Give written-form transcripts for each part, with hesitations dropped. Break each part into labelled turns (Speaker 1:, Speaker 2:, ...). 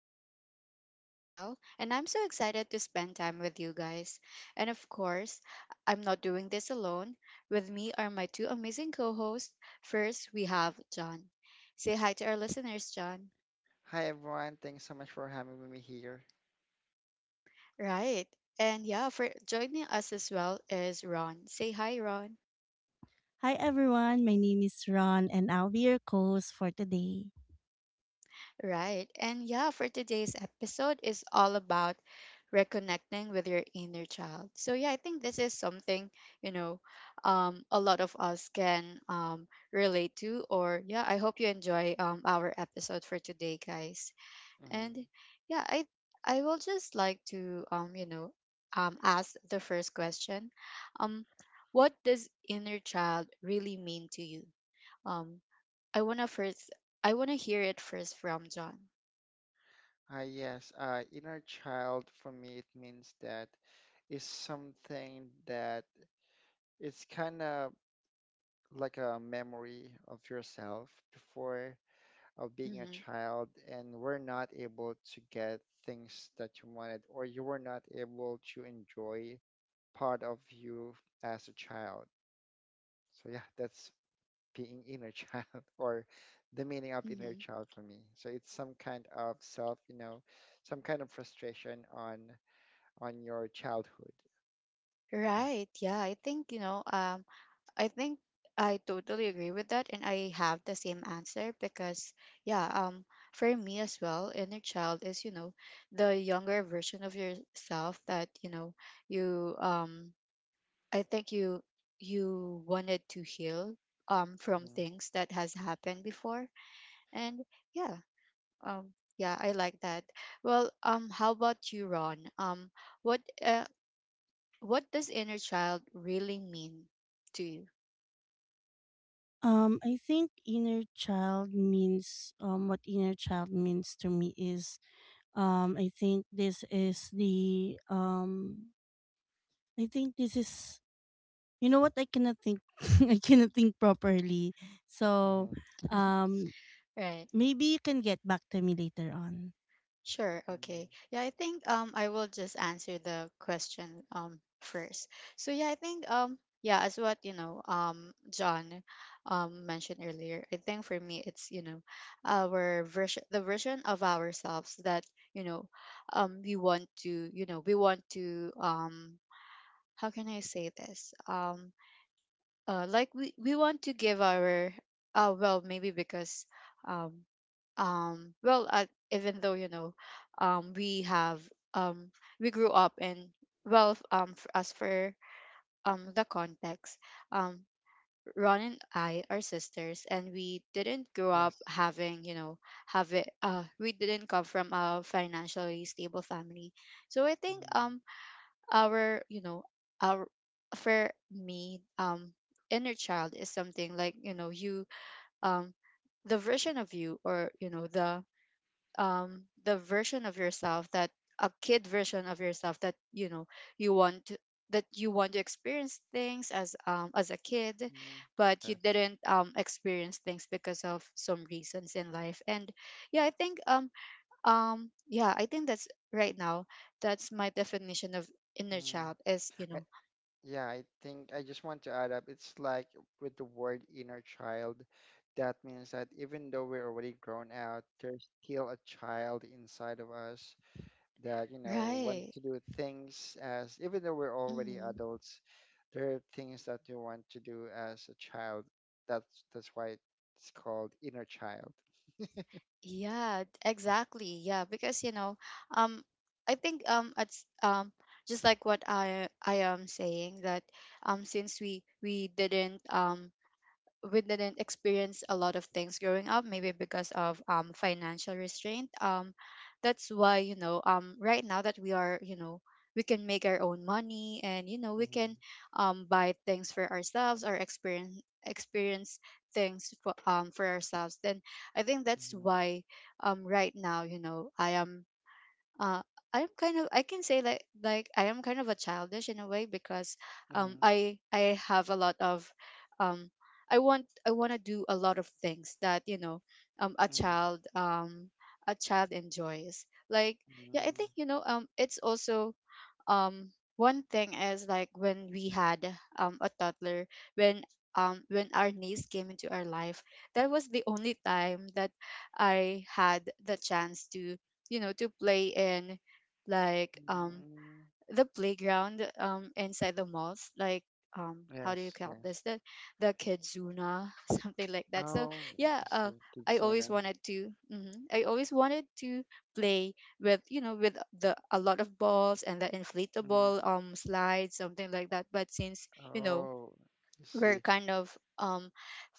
Speaker 1: I'm your host, Rochelle, and I'm so excited to spend time with you guys. And of course, I'm not doing this alone. With me are my two amazing co hosts. First, we have John. Say hi to our listeners, John.
Speaker 2: Hi everyone, thanks so much for having me here.
Speaker 1: Right. And yeah, for joining us as well is Ron. Say hi, Ron.
Speaker 3: Hi everyone, my name is Ron and I'll be your host for today.
Speaker 1: Right. And yeah, for today's episode is all about reconnecting with your inner child. So yeah, I think this is something, you know, a lot of us can relate to or yeah, I hope you enjoy our episode for today, guys.
Speaker 2: Mhm.
Speaker 1: And yeah, I will just like to ask the first question. Um what does inner child really mean to you? Um I want to first I want to hear it first from John.
Speaker 2: Yes, Inner child for me it means that is something that it's kind of like a memory of yourself before of being a
Speaker 1: Mhm,
Speaker 2: child and were not able to get things that you wanted or you were not able to enjoy part of you as a child. So yeah, that's being inner child or the meaning of inner
Speaker 1: mhm.
Speaker 2: child for me. So it's some kind of self, some kind of frustration on your childhood. Yeah.
Speaker 1: Right. Yeah, I think, I think I totally agree with that, and I have the same answer because, yeah, for me as well, inner child is, you know, the younger version of yourself that, you know, you, um, I think you wanted to heal, from
Speaker 2: Mm-hmm.
Speaker 1: things that has happened before, and yeah, yeah, I like that. Well, how about you, Ron? What uh, What does inner child really mean to you?
Speaker 3: I think inner child means what inner child means to me is I think this is I think this is what I cannot think, I cannot think properly.
Speaker 2: Mm-hmm.
Speaker 3: So
Speaker 2: Mm-hmm.
Speaker 3: um
Speaker 1: Right.
Speaker 3: Maybe you can get back to me later on.
Speaker 1: Sure. Okay. Yeah, I think I will just answer the question first. So yeah, I think yeah, as what John mentioned earlier, I think for me it's our version the version of ourselves that you know we want to we want to how can I say this we want to give our well maybe because um, um, well uh, even though we have um, we grew up and as for the context, um, Ron and I are sisters and we didn't grow up
Speaker 2: Yes.
Speaker 1: having have it we didn't come from a financially stable family. So I think,
Speaker 2: Mm-hmm.
Speaker 1: our our for me inner child is something like you um the version of you or the version of yourself that a kid version of yourself that you want to- that you want to experience things as a kid,
Speaker 2: Mm-hmm.
Speaker 1: but you
Speaker 2: Yes.
Speaker 1: didn't experience things because of some reasons in life. And yeah, I think yeah, I think that's right now. That's my definition of inner
Speaker 2: Mm.
Speaker 1: child is, you
Speaker 2: I,
Speaker 1: know,
Speaker 2: yeah, I think I just want to add up. It's like with the word inner child, that means that even though we're already grown out, there's still a child inside of us that you know want
Speaker 1: right.
Speaker 2: to do things as even though we're already
Speaker 1: Hmm.
Speaker 2: adults there are things that you want to do as a child that's why it's called inner child.
Speaker 1: Yeah, exactly. Yeah, because um, I think it's just like what I am saying that, since we didn't we didn't experience a lot of things growing up maybe because of financial restraint. That's why right now that we are, you know, we can make our own money, and you know, we
Speaker 2: Mm-hmm,
Speaker 1: can buy things for ourselves or experience experience things for ourselves. Then I think that's
Speaker 2: mm-hmm,
Speaker 1: why right now, you know, I am uh, I'm kind of I can say I am kind of a childish in a way, because um
Speaker 2: mm-hmm,
Speaker 1: I I have a lot of um I want to do a lot of things that, you know, um a
Speaker 2: mm-hmm.
Speaker 1: child um a child enjoys. Like yeah, I think, it's also um one thing is like when we had a toddler, when when our niece came into our life, that was the only time that I had the chance to, you know, to play in, like um
Speaker 2: Mm-hmm.
Speaker 1: the playground inside the malls. Like how do you
Speaker 2: Yes,
Speaker 1: call this,
Speaker 2: yes.
Speaker 1: the kidzuna something like that. So
Speaker 2: Oh
Speaker 1: yeah,
Speaker 2: yes, the
Speaker 1: I
Speaker 2: kitsune.
Speaker 1: always wanted to, mhm, I always wanted to play with, you know, with the a lot of balls and the inflatable
Speaker 2: Mm.
Speaker 1: slides, something like that. But since, you know,
Speaker 2: Oh, I
Speaker 1: we're
Speaker 2: see.
Speaker 1: kind of um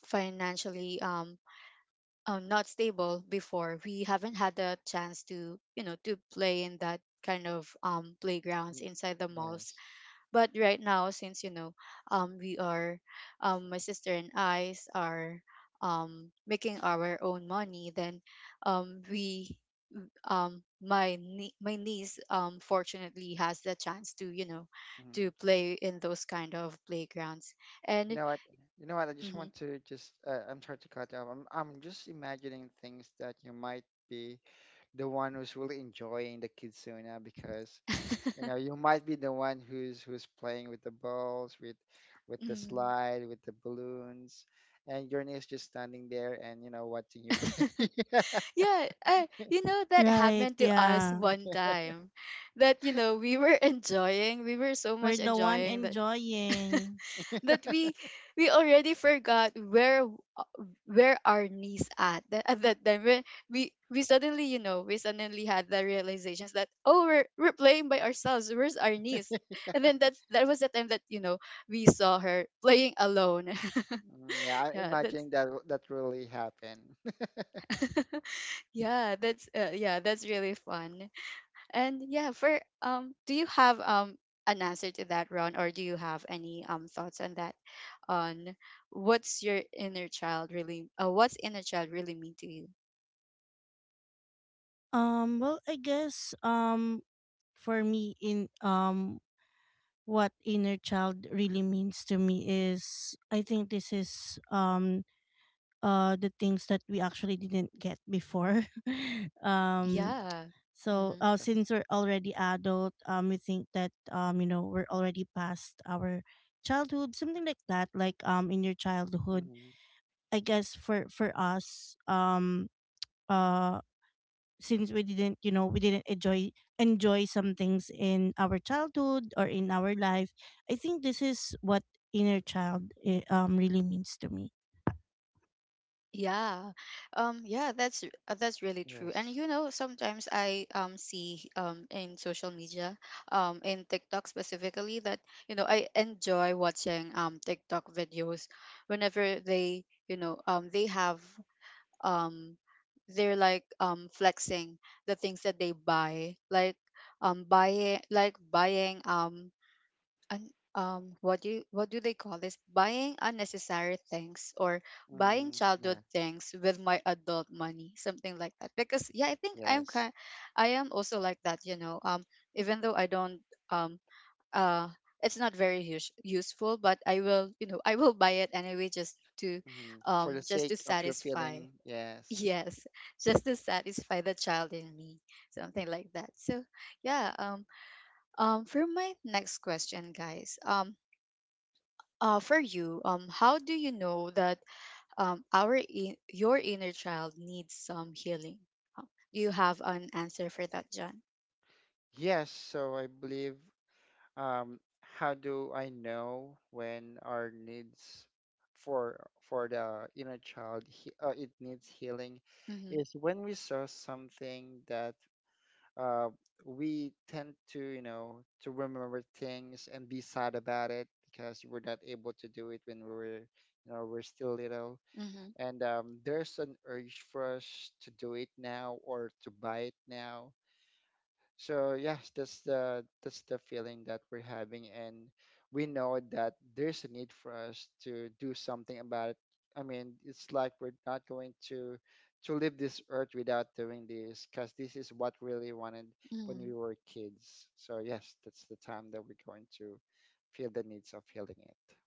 Speaker 1: financially not stable before, we haven't had the chance to, you know, to play in that kind of playgrounds
Speaker 2: Mm,
Speaker 1: inside the malls.
Speaker 2: yes.
Speaker 1: But right now, since, you know, we are, my sister and are making our own money, then we, my niece fortunately has the chance to, you know, to
Speaker 2: Mm.
Speaker 1: play in those kind of playgrounds.
Speaker 2: You
Speaker 1: And
Speaker 2: know, you know what, I just
Speaker 1: mhm.
Speaker 2: want to just I'm sorry to cut you off. I'm just imagining things that you might be the one who's really enjoying the kitsuna because you know you might be the one who's playing with the balls with the
Speaker 1: Mhm.
Speaker 2: slide with the balloons and your niece just standing there and you know watching you play.
Speaker 1: Yeah, you know, that
Speaker 3: Right,
Speaker 1: happened to us
Speaker 3: yeah.
Speaker 1: one time, that, you know, we were enjoying we were so
Speaker 3: We're
Speaker 1: much
Speaker 3: the one
Speaker 1: enjoying the
Speaker 3: enjoying.
Speaker 1: that we already forgot where where our knees at, that, at that time. We, we we suddenly, you know, we suddenly had the realizations that, oh, we're playing by ourselves, where's our knees? And then that's that was the time that, you know, we saw her playing alone.
Speaker 2: Mm, yeah, I
Speaker 1: Yeah, that's
Speaker 2: imagine that w- that really happened.
Speaker 1: yeah, that's yeah, that's really fun. And yeah, for do you have an answer to that, Ron, or do you have any thoughts on that, on what's your inner child really, what's inner child really mean to you?
Speaker 3: Well, I guess for me in what inner child really means to me is I think this is the things that we actually didn't get before. um
Speaker 2: Mm,
Speaker 1: Yeah. Mm-hmm.
Speaker 2: yes.
Speaker 3: since we're already adult, we think that you know, we're already past our childhood, something like that. In your childhood,
Speaker 2: Mm,
Speaker 3: I guess, for us, uh since we didn't you know, we didn't enjoy some things in our childhood or in our life. I think this is what inner child really means to me.
Speaker 1: Yeah. Yeah, that's really true. And
Speaker 2: yes.
Speaker 1: you know, sometimes I see in social media, in TikTok specifically that, you know, I enjoy watching TikTok videos whenever they, you know, they have um they're like flexing the things that they buy, like buying un, what do you, what do they call this, buying unnecessary things or buying
Speaker 2: Mm, yeah.
Speaker 1: childhood things with my adult money, something like that. Because yeah, I think
Speaker 2: Yes.
Speaker 1: I am also like that, you know. Even though I don't um uh it's not very useful, but I will, you know, I will buy it anyway,
Speaker 2: Mm, for the
Speaker 1: just to
Speaker 2: sake of your
Speaker 1: satisfy
Speaker 2: feeling, yes.
Speaker 1: Yes, just to satisfy the child in me, something like that. So yeah, for my next question, guys, for you, how do you know that your inner child needs some healing? Uh, Do you have an answer for that, John?
Speaker 2: Yes, so I believe, um, how do I know when our needs for for the inner child it needs healing
Speaker 1: Mm-hmm,
Speaker 2: is when we saw something that uh, we tend to you know to remember things and be sad about it because we're not able to do it when we were you know we're still little
Speaker 1: mm-hmm,
Speaker 2: and there's an urge for us to do it now or to buy it now. So yes, that's the feeling that we're having, and we know that there's a need for us to do something about it. I mean, it's like we're not going to leave this earth without doing this, because this is what we really wanted when
Speaker 1: mm-hmm.
Speaker 2: we were kids. So yes, that's the time that we're going to feel the needs of healing it.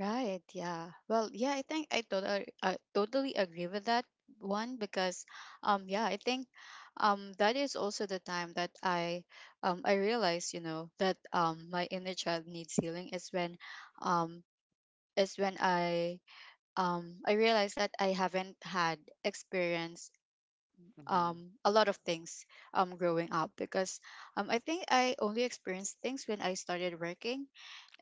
Speaker 1: Right, yeah. Well, yeah, I think I totally agree with that one, because yeah, I think that is also the time that I realized, you know, that my inner child needs healing um is when I realized that I haven't had experience
Speaker 2: Hmm.
Speaker 1: a lot of things growing up, because I think I only experienced things when I started working.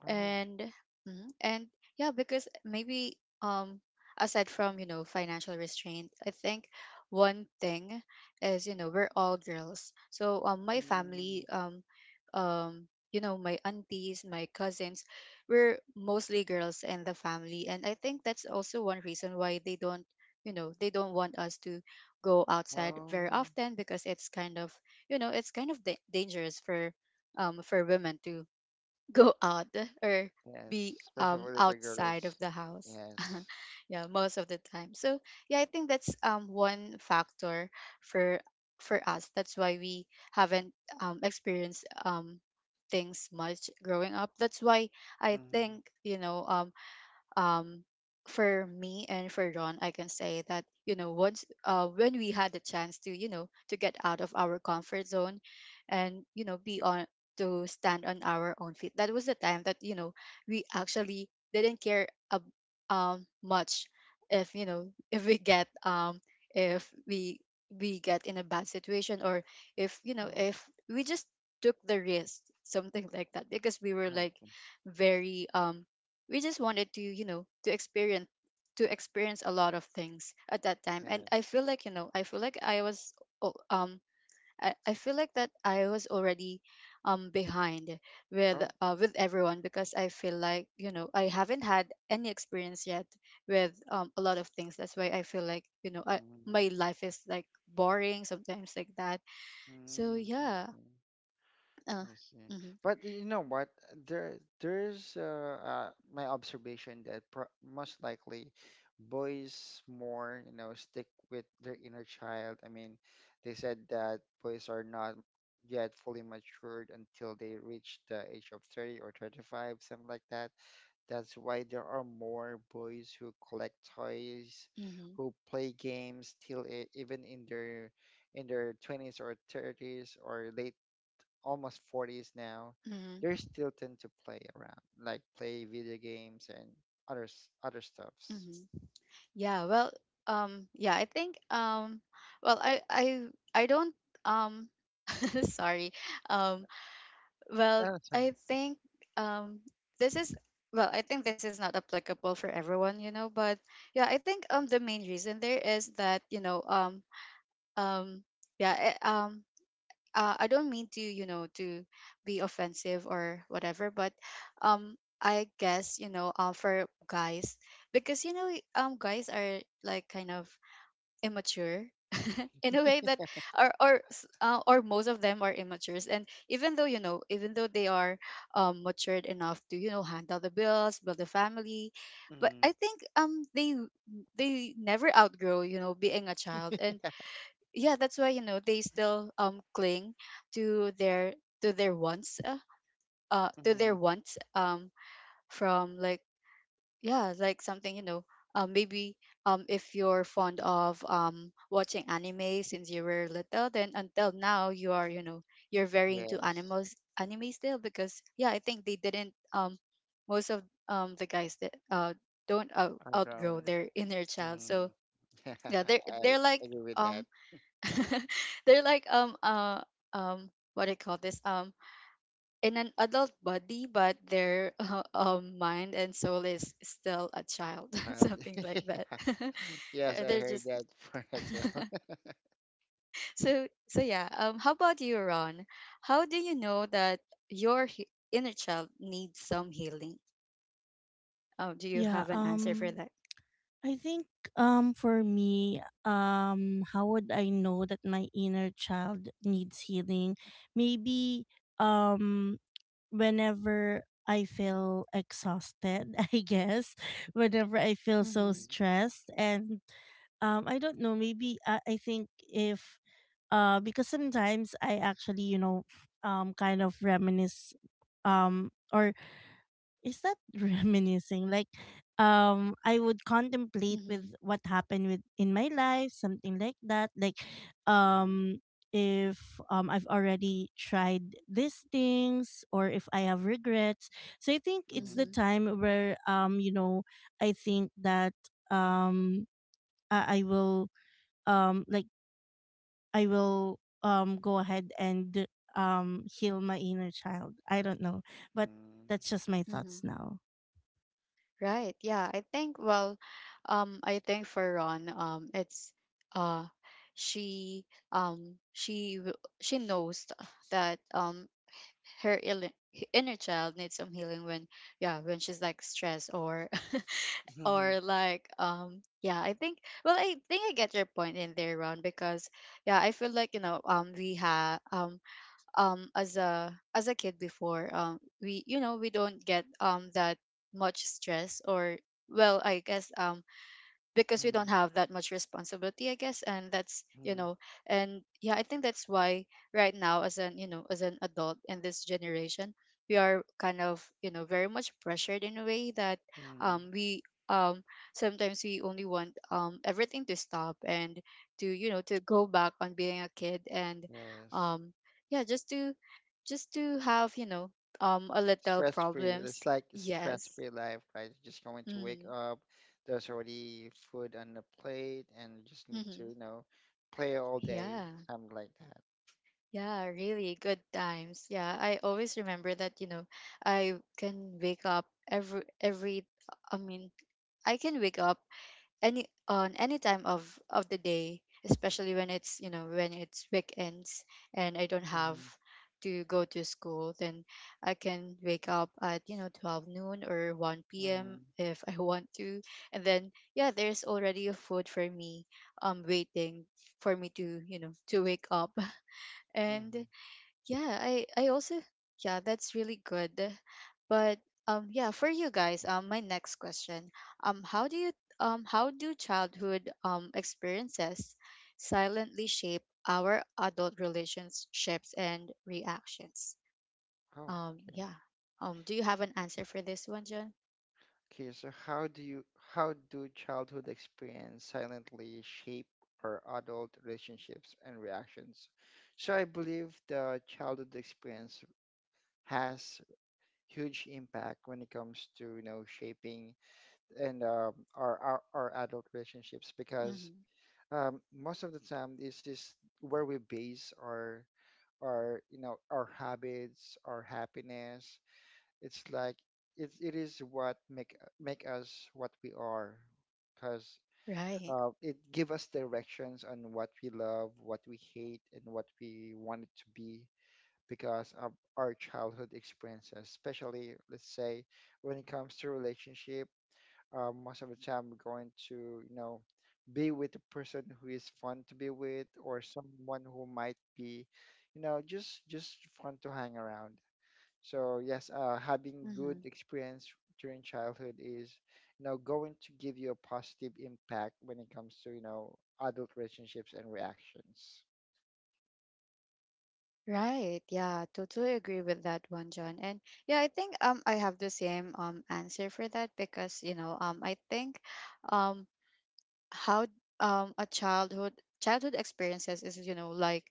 Speaker 2: Oh,
Speaker 1: And mhm, and yeah, because maybe um aside from, you know, financial restraint, I think one thing is, you know, we're all girls. So my family,
Speaker 2: mm.
Speaker 1: you know, my aunties, my cousins, we're mostly girls in the family, and I think that's also one reason why they don't, you know, they don't want us to go outside very
Speaker 2: Oh,
Speaker 1: often, because it's kind of, you know, it's kind of dangerous for women to go out or
Speaker 2: yes,
Speaker 1: be
Speaker 2: especially little
Speaker 1: outside of
Speaker 2: girls.
Speaker 1: the house.
Speaker 2: Yes.
Speaker 1: Yeah, most of the time. So yeah, I think that's one factor for for us that's why we haven't experienced things much growing up. That's why I
Speaker 2: Hmm.
Speaker 1: think, um for me and for Ron, I can say that, you know, once when we had the chance to, you know, to get out of our comfort zone, and you know, be on to stand on our own feet. That was the time that you know we actually didn't care much if you know if we get in a bad situation, or if you know
Speaker 2: Oh,
Speaker 1: if we just took the risk, something like that, because we were like
Speaker 2: okay.
Speaker 1: very we just wanted to you know to experience a lot of things at that time. And i
Speaker 2: Yes.
Speaker 1: feel like you know i feel like o- um I feel like that I was already behind
Speaker 2: Oh.
Speaker 1: with everyone, because I feel like you know I haven't had any experience yet with a lot of things. That's why I feel like you know
Speaker 2: Mm-hmm.
Speaker 1: my life is like boring sometimes, like that. So
Speaker 2: Mm, I
Speaker 1: yeah.
Speaker 2: see.
Speaker 1: uh,
Speaker 2: I see.
Speaker 1: mm-hmm.
Speaker 2: But you know what? There's my observation that pro most likely boys more, you know, stick with their inner child. I mean, they said that boys are not yet fully matured until they reach the age of 30 or 35, something like that. That's why there are more boys who collect toys,
Speaker 1: mm-hmm,
Speaker 2: who play games till e- even in their 20s or 30s or late almost 40s now. They
Speaker 1: mm-hmm,
Speaker 2: still tend to play around, like play video games and other s- other stuffs.
Speaker 1: hmm. Yeah, well, yeah, I think, well, I don't, um, sorry, um, well,
Speaker 2: No, that's fine.
Speaker 1: I think, um, this is, I think this is not applicable for everyone, you know, but yeah, I think, the main reason there is that, you know, um, yeah, eh, um, I don't mean to, you know, to be offensive or whatever, but, I guess, you know, for guys, because, you know, guys are like kind of immature in a way that or most of them are immatures. And even though you know even though they are matured enough to you know handle the bills, build a family, but
Speaker 2: Mm-hmm.
Speaker 1: I think they never outgrow, you know, being a child. And yeah, that's why you know they still cling to their to their wants uh, uh to
Speaker 2: Mm-hmm.
Speaker 1: their wants from like yeah, like something, you know, maybe if you're fond of watching anime since you were little, then until now you are, you know, you're very into
Speaker 2: Yes,
Speaker 1: animals anime still, because yeah, I think they didn't most of the guys that don't out-
Speaker 2: around.
Speaker 1: outgrow their inner child. So
Speaker 2: Mm.
Speaker 1: yeah, they're
Speaker 2: I agree with that,
Speaker 1: um they're like what do you call this, in an adult body, but their mind and soul is still a child,
Speaker 2: child.
Speaker 1: something like that.
Speaker 2: Yes, I
Speaker 1: They're
Speaker 2: heard
Speaker 1: just
Speaker 2: that for as well.
Speaker 1: so yeah. How about you, Ron? How do you know that your inner child needs some healing? Oh, do you
Speaker 3: Yeah.
Speaker 1: have an answer for that?
Speaker 3: I think For me, how would I know that my inner child needs healing? Maybe, um whenever I feel exhausted, I guess, whenever I feel so
Speaker 1: Mm-hmm.
Speaker 3: stressed and, I don't know, maybe I think if, because sometimes I actually, you know, kind of reminisce, or is that reminiscing, like, I would contemplate with
Speaker 1: Mm-hmm.
Speaker 3: what happened with in my life, something like that, like
Speaker 2: Mm.
Speaker 3: um if I've already tried these things or if I have regrets. So I think it's
Speaker 2: Mhm.
Speaker 3: the
Speaker 1: Mm-hmm.
Speaker 3: time where, you know, I think that, um I will, like, I will go ahead and heal my inner child. I don't know, but
Speaker 2: Mhm.
Speaker 3: that's just my
Speaker 1: Mm-hmm.
Speaker 3: thoughts now.
Speaker 1: Right. Yeah. I think, well, I think for Ron, it's uh, she um, she w- she knows that her inner child needs some healing when yeah, when she's like stressed or
Speaker 2: Mhm.
Speaker 1: or like yeah, I think, well, I think I get your point in there, Ron, because yeah, I feel like, you know, we have as a kid before, we you know we don't get that much stress or well, I guess, because we don't have that much responsibility, I guess, and that's, you
Speaker 2: Mhm.
Speaker 1: know, and yeah, I think that's why right now, as an you know as an adult in this generation, we are kind of, you know, very much pressured in a way that
Speaker 2: Mhm.
Speaker 1: we um sometimes we only want everything to stop and to you know to go back on being a kid, and
Speaker 2: Yes.
Speaker 1: um yeah, just to have, you know, a little
Speaker 2: Stress free. It's
Speaker 1: problems.
Speaker 2: like stress
Speaker 1: Yes,
Speaker 2: free life, right? You're just going to wake
Speaker 1: mm-hmm.
Speaker 2: up. There's already food on the plate, and you just need to,
Speaker 1: Mm-hmm.
Speaker 2: you know, play all day,
Speaker 1: Yeah.
Speaker 2: something like that.
Speaker 1: Yeah, really good times. Yeah, I always remember that, you know, I can wake up every I mean, I can wake up any on any time of the day, especially when it's, you know, when it's weekends and I don't have
Speaker 2: Mhm.
Speaker 1: to go to school, then I can wake up at, you know, 12 noon or 1 p.m.
Speaker 2: Mhm.
Speaker 1: if I want to. And then yeah, there's already a food for me waiting for me to, you know, to wake up.
Speaker 2: Mhm.
Speaker 1: And yeah, I also yeah, that's really good. But yeah, for you guys, my next question. How do you how do childhood experiences silently shape our adult relationships and reactions?
Speaker 2: Oh, okay.
Speaker 1: Yeah. Do you have an answer for this one, John?
Speaker 2: Okay. So, how do childhood experience silently shape our adult relationships and reactions? So I believe the childhood experience has huge impact when it comes to you know shaping and our our adult relationships because
Speaker 1: Mhm.
Speaker 2: most of the time this is where we base our you know our habits our happiness. It's like it is what make us what we are because
Speaker 1: Right.
Speaker 2: it give us directions on what we love what we hate and what we want it to be because of our childhood experiences, especially let's say when it comes to relationship. Most of the time, we're going to you know be with the person who is fun to be with, or someone who might be, you know, just fun to hang around. So yes, having good
Speaker 1: Mhm.
Speaker 2: experience during childhood is you know going to give you a positive impact when it comes to you know adult relationships and reactions.
Speaker 1: Right. Yeah, totally agree with that one, John. And yeah, I think I have the same answer for that because, you know, I think um how a childhood childhood experiences is you know like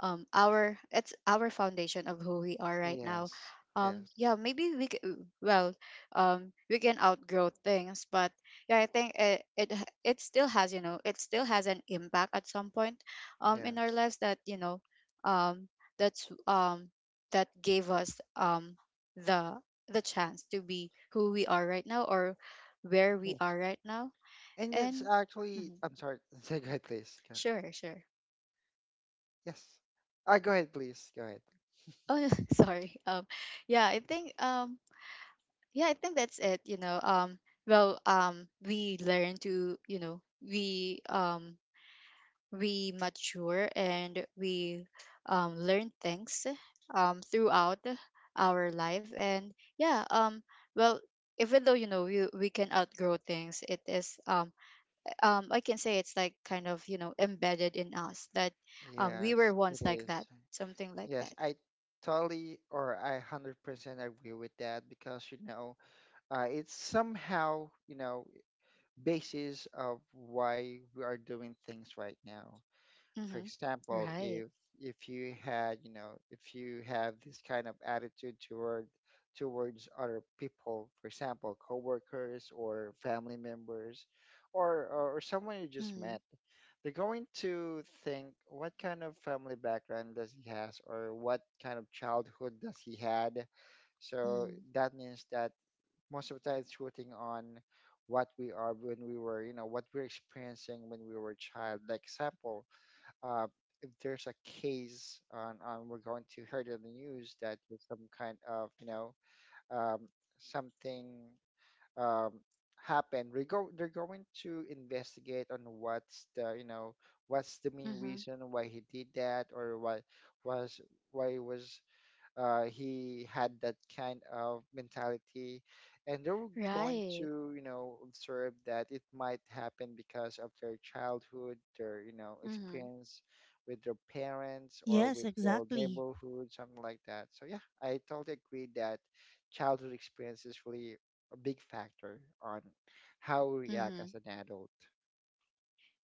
Speaker 1: our it's our foundation of who we are right now.
Speaker 2: Yes, yes,
Speaker 1: Yeah, maybe we c- well we can outgrow things, but yeah, I think it still has, you know, it still has an impact at some point in our
Speaker 2: yes,
Speaker 1: lives that, you know, um that's um that gave us the the chance to be who we are right now, or where we
Speaker 2: yes.
Speaker 1: are right now.
Speaker 2: And it's
Speaker 1: And
Speaker 2: actually,
Speaker 1: mhm.
Speaker 2: I'm sorry. Say go ahead, please. Go-
Speaker 1: Sure, sure.
Speaker 2: Yes. Go ahead, please. Go ahead.
Speaker 1: Oh, yeah, sorry. Yeah, I think um, yeah, I think that's it. You know, well, we learn to, you know, we um, we mature, and we learn things throughout our life. And yeah, well, even though you know we can outgrow things, it is I can say it's like kind of, you know, embedded in us that we were
Speaker 2: Yes, it
Speaker 1: once like that,
Speaker 2: is.
Speaker 1: something like
Speaker 2: Yes,
Speaker 1: that.
Speaker 2: I totally or I 100% agree with that because, you know, it's somehow, you know, basis of why we are doing things right now. For
Speaker 1: Mm-hmm.
Speaker 2: example,
Speaker 1: Right.
Speaker 2: if you had, you know, if you have this kind of attitude toward towards other people, for example, coworkers or family members, or someone you just
Speaker 1: Mm-hmm.
Speaker 2: met, they're going to think what kind of family background does he has, or what kind of childhood does he had. So
Speaker 1: Mm-hmm.
Speaker 2: that means that most of the time it's rooting on what we are when we were, you know, what we're experiencing when we were a child. Like example uh, if there's a case on we're going to hear it in the news that there's some kind of you know um, something um, happened. We go they're going to investigate on what's the you know what's the main
Speaker 1: Mm-hmm.
Speaker 2: reason why he did that or was why he was he had that kind of mentality and they were going
Speaker 1: Right.
Speaker 2: to you know observe that it might happen because of their childhood their you know
Speaker 1: Mm-hmm.
Speaker 2: experience with their parents or
Speaker 3: Yes,
Speaker 2: with their
Speaker 3: exactly.
Speaker 2: neighborhood something like that. So yeah, I totally agree that childhood experience is really a big factor on how we react
Speaker 1: Mm-hmm.
Speaker 2: as an adult.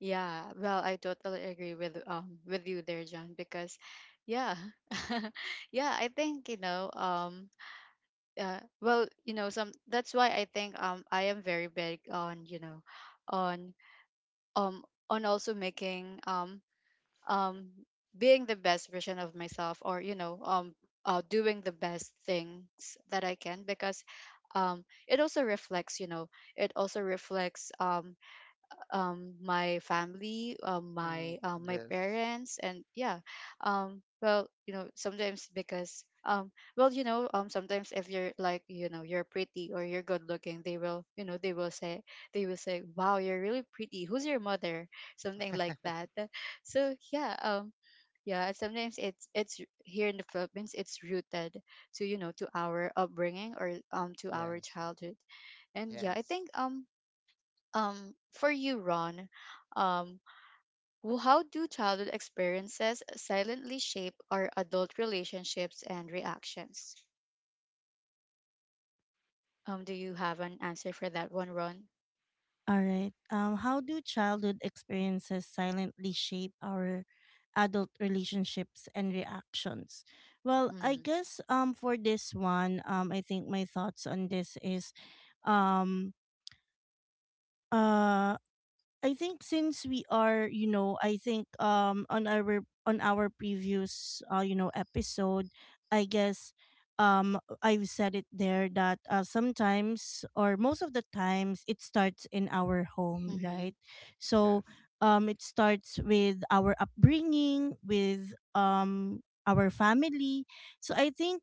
Speaker 1: Yeah. Well, I totally agree with you there, John, because yeah. Yeah, I think, you know, well, you know, some, that's why I think I am very big on, you know, on um on also making um being the best version of myself, or you know, doing the best things that I can, because it also reflects, you know, it also reflects my family,
Speaker 2: Mm,
Speaker 1: my
Speaker 2: yes.
Speaker 1: parents, and yeah, well, you know, sometimes because well, you know, sometimes if you're like, you know, you're pretty or you're good looking, they will, you know, they will say, wow, you're really pretty. Who's your mother? Something like that. So yeah, yeah. Sometimes it's here in the Philippines, it's rooted to you know to our upbringing or to our
Speaker 2: Yes.
Speaker 1: childhood, and yeah, I
Speaker 2: Yes.
Speaker 1: think for you, Ron, um, how do childhood experiences silently shape our adult relationships and reactions? Do you have an answer for that one, Ron?
Speaker 3: All right. How do childhood experiences silently shape our adult relationships and reactions? Well, I
Speaker 1: Mm-hmm.
Speaker 3: guess, for this one, I think my thoughts on this is um uh I think, since we are, you know, I think on our previous you know, episode, I guess, I've said it there that, sometimes or most of the times it starts in our home,
Speaker 1: Mm-hmm.
Speaker 3: right? So
Speaker 2: Yes.
Speaker 3: it starts with our upbringing, with our family. So I think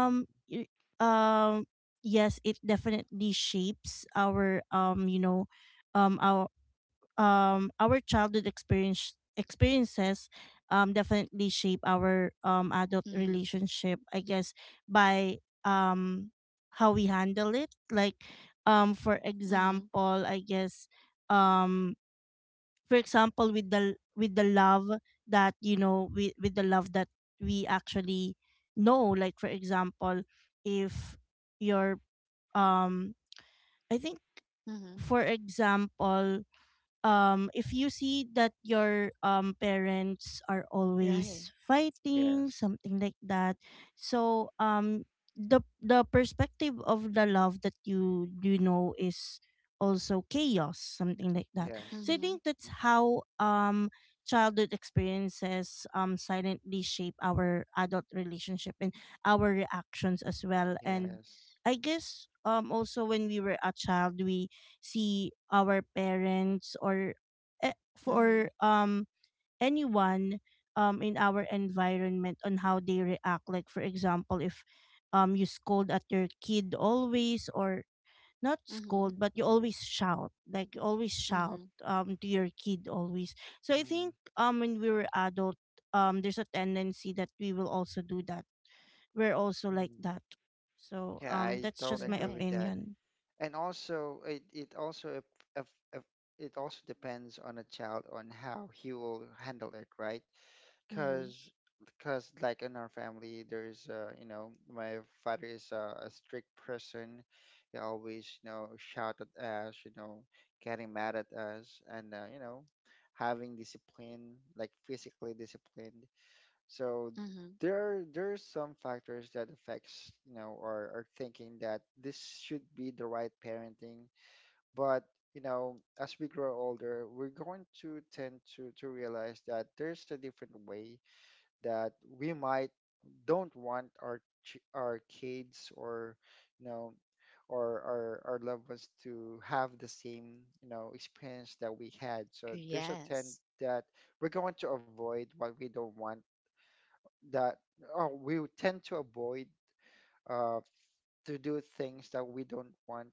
Speaker 2: Mm,
Speaker 3: y- um yes, it definitely shapes our, you know, um our our childhood experiences definitely shape our, adult
Speaker 1: Mm-hmm.
Speaker 3: relationship, I guess, by um how we handle it. Like, for
Speaker 1: Mm-hmm.
Speaker 3: example, I guess, um for example, with the love that, you know, with the love that we actually know. Like, for example, if your um I think
Speaker 1: Mm-hmm.
Speaker 3: for example, if you see that your, parents are
Speaker 1: Right.
Speaker 3: always fighting,
Speaker 2: yes.
Speaker 3: something like that. So, the perspective of the love that you know, is also chaos, something like that. So I
Speaker 1: Mm-hmm.
Speaker 3: think that's
Speaker 2: Yes.
Speaker 3: how childhood experiences silently shape our adult relationship and our reactions as well. And
Speaker 2: Yes.
Speaker 3: I guess, also, when we were a child, we see our parents or, eh,
Speaker 1: Mm-hmm.
Speaker 3: for anyone in our environment, on how they react. Like, for example, if you scold at your kid always, or not
Speaker 1: Mm-hmm.
Speaker 3: scold, but you
Speaker 2: Mm-hmm.
Speaker 3: always shout, like you always shout,
Speaker 1: Mm-hmm.
Speaker 3: to your kid always. So I think, when we were adult, there's a tendency that we will also do that, we're also like
Speaker 2: Mm-hmm.
Speaker 3: that. So,
Speaker 2: Yeah, I
Speaker 3: that's
Speaker 2: don't
Speaker 3: just my
Speaker 2: agree
Speaker 1: Right.
Speaker 2: with that.
Speaker 3: opinion.
Speaker 2: And also, it also if, if it also depends on a child on how he will handle it, right?
Speaker 1: Mm-hmm.
Speaker 2: Because because like in our family, there's you know my father is a strict person. He always you know shout at us, you know, getting mad at us, and you know having discipline, like physically discipline. So
Speaker 1: Mm-hmm.
Speaker 2: there's some factors that affects, you know, our or thinking that this should be the right parenting. But, you know, as we grow older, we're going to tend to realize that there's a different way that we might don't want our our kids or, you know, or our loved ones to have the same, you know, experience that we had. So there's a trend
Speaker 1: Yes.
Speaker 2: that we're going to avoid what we don't want that we would tend to avoid uh, to do things that we don't want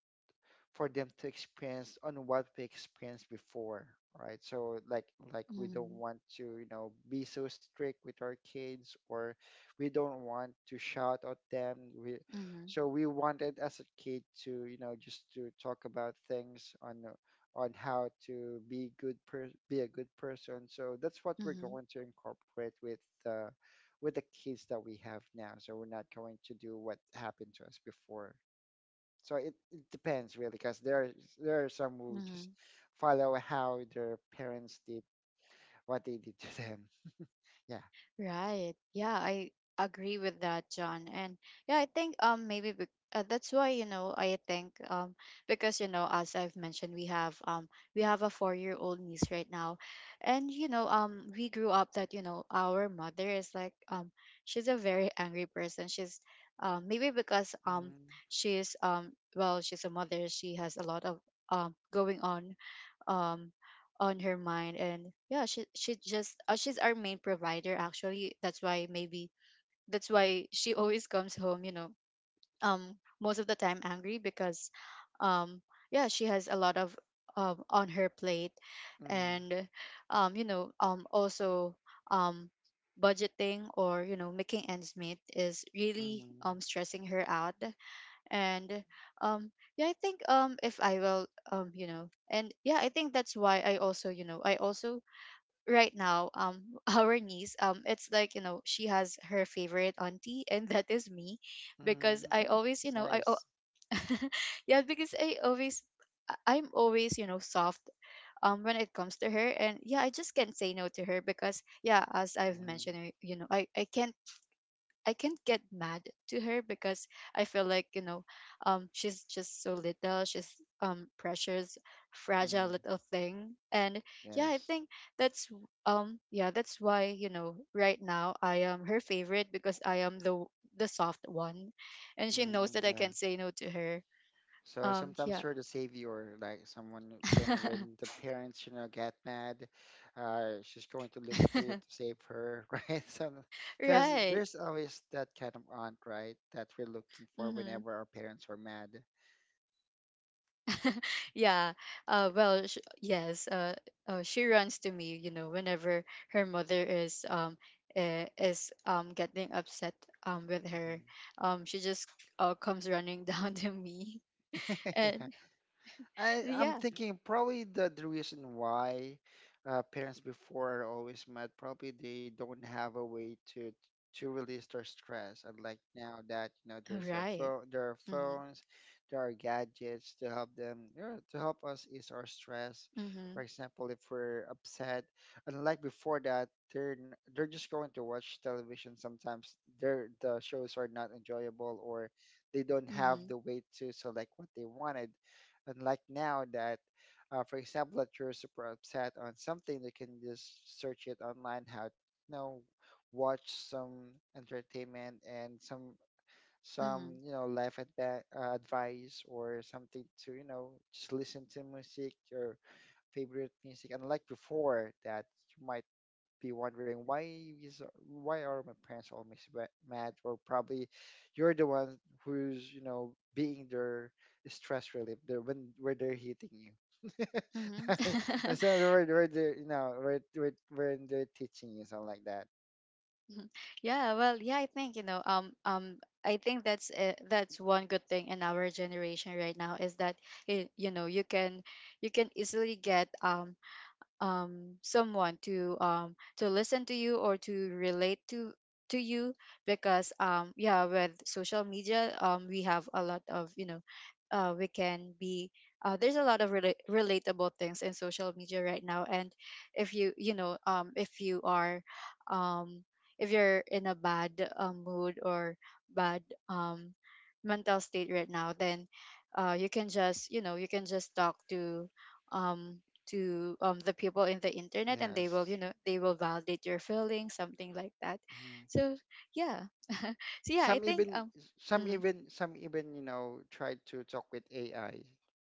Speaker 2: for them to experience on what we experienced before, right? So like we don't
Speaker 1: Mm-hmm.
Speaker 2: want to, you know, be so strict with our kids or we don't want to shout at them. We
Speaker 1: Mm-hmm.
Speaker 2: so we wanted as a kid to, you know, just to talk about things on how to be good per be a good person. So that's what we're
Speaker 1: Mm-hmm.
Speaker 2: going to incorporate uh, with the kids that we have now. So we're not going to do what happened to us before. So it depends really, because there are some who just
Speaker 1: Mm-hmm.
Speaker 2: follow how their parents did what they did to them. Yeah.
Speaker 1: Right. Yeah, I agree with that, John. And yeah, I think that's why you know I think because you know as I've mentioned we have a 4-year-old old niece right now, and you know we grew up that you know our mother is like she's a very angry person. She's maybe because
Speaker 2: Mm,
Speaker 1: she's well, she's a mother, she has a lot of going um on her mind, and yeah, she's our main provider actually, that's why maybe that's why she always comes home, you know, most of the time angry because um yeah, she has a lot of on her plate.
Speaker 2: mm,
Speaker 1: And you know also um budgeting, or you know making ends meet is really
Speaker 2: mm,
Speaker 1: stressing her out. And um yeah, I think if I will you know, and yeah I think that's why I also you know I also right now our niece it's like you know she has her favorite auntie, and that is me, because
Speaker 2: mm.
Speaker 1: I
Speaker 2: Oh,
Speaker 1: always you
Speaker 2: it's
Speaker 1: know
Speaker 2: nice.
Speaker 1: yeah, because I always I'm always, you know, soft when it comes to her, and yeah, I just can't say no to her, because yeah, as I've
Speaker 2: Mm,
Speaker 1: mentioned, you know, i can't I can't get mad to her, because I feel like, you know, she's just so little. She's precious, fragile
Speaker 2: mm.
Speaker 1: little thing, and yeah, I
Speaker 2: Yes.
Speaker 1: think that's yeah, that's why you know right now I am her favorite, because I am the soft one, and she knows
Speaker 2: Mm,
Speaker 1: that I
Speaker 2: yeah.
Speaker 1: can't say no to her.
Speaker 2: So sometimes
Speaker 1: Yeah,
Speaker 2: you're the savior, like someone who- when the parents you know get mad, she's going to look for you to save her, right? So, because
Speaker 1: right.
Speaker 2: there's always that kind of aunt, right, that we're looking for
Speaker 1: Mm-hmm.
Speaker 2: whenever our parents are mad.
Speaker 1: Yeah. Yes. She runs to me, you know, whenever her mother is getting upset with her.
Speaker 2: Mhm.
Speaker 1: She just comes running down to me, and
Speaker 2: Yeah. I I'm
Speaker 1: yeah,
Speaker 2: thinking probably the reason why parents before are always mad, probably they don't have a way to release their stress. And like now that you know there's a
Speaker 1: right.
Speaker 2: phone, there are
Speaker 1: Mhm.
Speaker 2: phones, there are gadgets to help them, you know, to help us ease our stress. For
Speaker 1: Mhm.
Speaker 2: example, if we're upset, unlike before that, they're just going to watch television. Sometimes the shows are not enjoyable or they don't have
Speaker 1: Mhm.
Speaker 2: the way to select what they wanted unlike now that for example that you're super upset on something you can just search it online how you know watch some entertainment and some
Speaker 1: Mhm.
Speaker 2: you know life advice or something to you know just listen to music your favorite music unlike before that you might be wondering is why are my parents always mad or probably you're the one who's you know being their stress relief they when where they're hitting you.
Speaker 1: Mhm.
Speaker 2: And so where they're you know when they're teaching you something like that.
Speaker 1: Mhm. Yeah. Well, yeah. I think, you know. I think that's one good thing in our generation right now, is that it, you know, you can easily get someone to listen to you or to relate to you, because yeah, with social media we have a lot of you know we can be there's a lot of relatable things in social media right now. And if you you know if you are um, if you're in a bad mood or bad um, mental state right now, then you can just you know you can just talk to um, the people in the internet, and they will you
Speaker 2: Yes.
Speaker 1: know they will validate your feelings, something like that.
Speaker 2: Mhm.
Speaker 1: So yeah, so yeah, I
Speaker 2: Some
Speaker 1: think
Speaker 2: even
Speaker 1: mm,
Speaker 2: some even you know try to talk with AI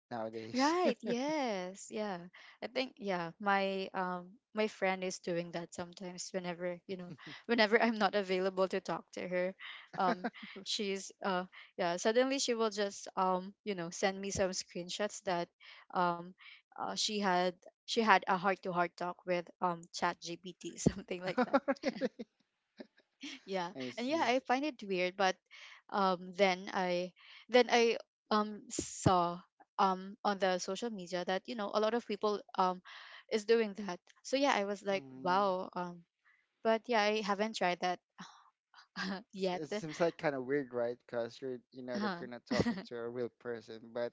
Speaker 2: nowadays.
Speaker 1: right. Yes. Yeah. I think yeah, my my friend is doing that sometimes whenever, you know, whenever I'm not available to talk to her. Um she's yeah, suddenly she will just you know, send me some screenshots that um uh, she had she had a heart to heart talk with ChatGPT something like that.
Speaker 2: Really?
Speaker 1: Yeah,
Speaker 2: I
Speaker 1: and yeah,
Speaker 2: see.
Speaker 1: I find it weird. But um then i then I saw on the social media that you know a lot of people is doing that. So yeah, I was like,
Speaker 2: Mhm.
Speaker 1: wow, but yeah, I haven't tried that
Speaker 2: S-
Speaker 1: yet.
Speaker 2: it seems like kind of weird, right? Because you're, you know, that
Speaker 1: Uh-huh.
Speaker 2: you're not talking to a real person. But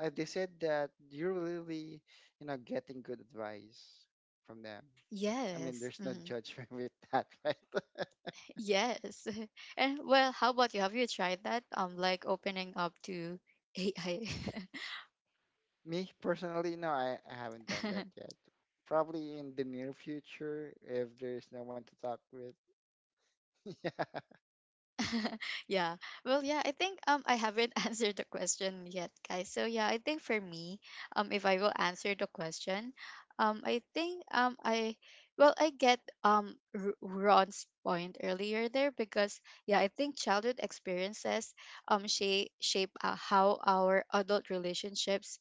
Speaker 2: they said that you're really, you know, getting good advice from them. I mean,
Speaker 1: yes,
Speaker 2: there's no
Speaker 1: mhm,
Speaker 2: judgment with that, right?
Speaker 1: yes. And well, how about you, have you tried that like opening up to AI?
Speaker 2: Me personally, no, I haven't done that yet. Probably in the near future, if there's no one to talk with. Yeah.
Speaker 1: Yeah. Well, yeah, I think I haven't answered the question yet, guys. So yeah, I think for me, if I will answer the question, I, well, I get Ron's point earlier there, because yeah, I think childhood experiences shape how our adult relationships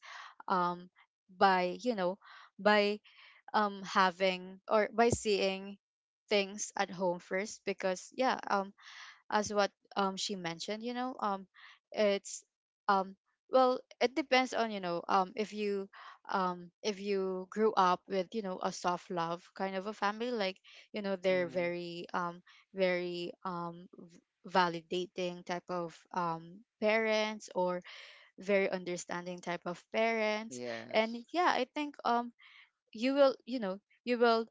Speaker 1: um by, you know, by having or by seeing things at home first, because yeah, as what she mentioned, you know, it's um well, it depends on you know if you grew up with you know a soft love kind of a family, like you know they're
Speaker 2: Hmm.
Speaker 1: very very validating type of parents, or very understanding type of parents. And
Speaker 2: Yes.
Speaker 1: yeah, I think you will you know you will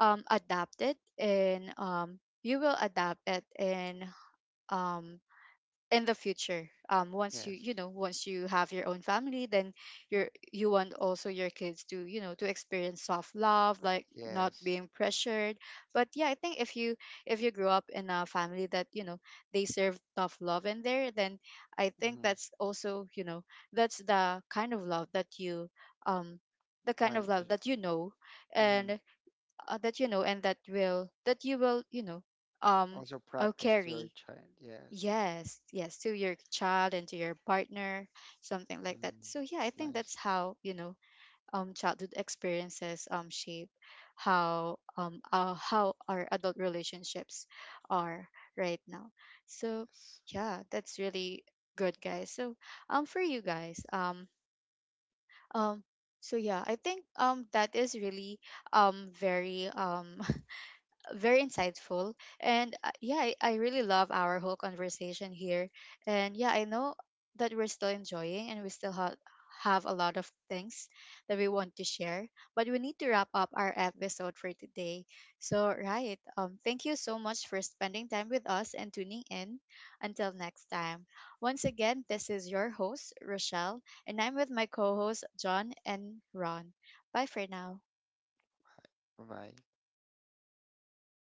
Speaker 1: adapt it, and you will adapt it. And um in the future, once you you
Speaker 2: Yes.
Speaker 1: know once you have your own family, then you're you want also your kids to you know to experience soft love, like not
Speaker 2: Yes.
Speaker 1: being pressured. But yeah, I think if you grow up in a family that you know they serve tough love in there, then I think
Speaker 2: Hmm.
Speaker 1: that's also you know that's the kind of love that you um the kind of
Speaker 2: Wanted to.
Speaker 1: love that you know,
Speaker 2: Hmm.
Speaker 1: and that you know, and that will that you will you know um
Speaker 2: Also practice your
Speaker 1: carry
Speaker 2: child. Yes.
Speaker 1: yes, yes, to your child and to your partner, something like that.
Speaker 2: Mm,
Speaker 1: So yeah, I
Speaker 2: it's
Speaker 1: think that's
Speaker 2: nice.
Speaker 1: how, you know, childhood experiences shape how our adult relationships are right now. So
Speaker 2: Yes.
Speaker 1: yeah, that's really good, guys. So for you guys, um so yeah, I think that is really very very insightful. And yeah, I really love our whole conversation here, and yeah, I know that we're still enjoying and we still have a lot of things that we want to share, but we need to wrap up our episode for today. So right, thank you so much for spending time with us and tuning in. Until next time, once again, this is your host Rochelle, and I'm with my co-hosts John and Ron. Bye for now.
Speaker 2: Bye bye.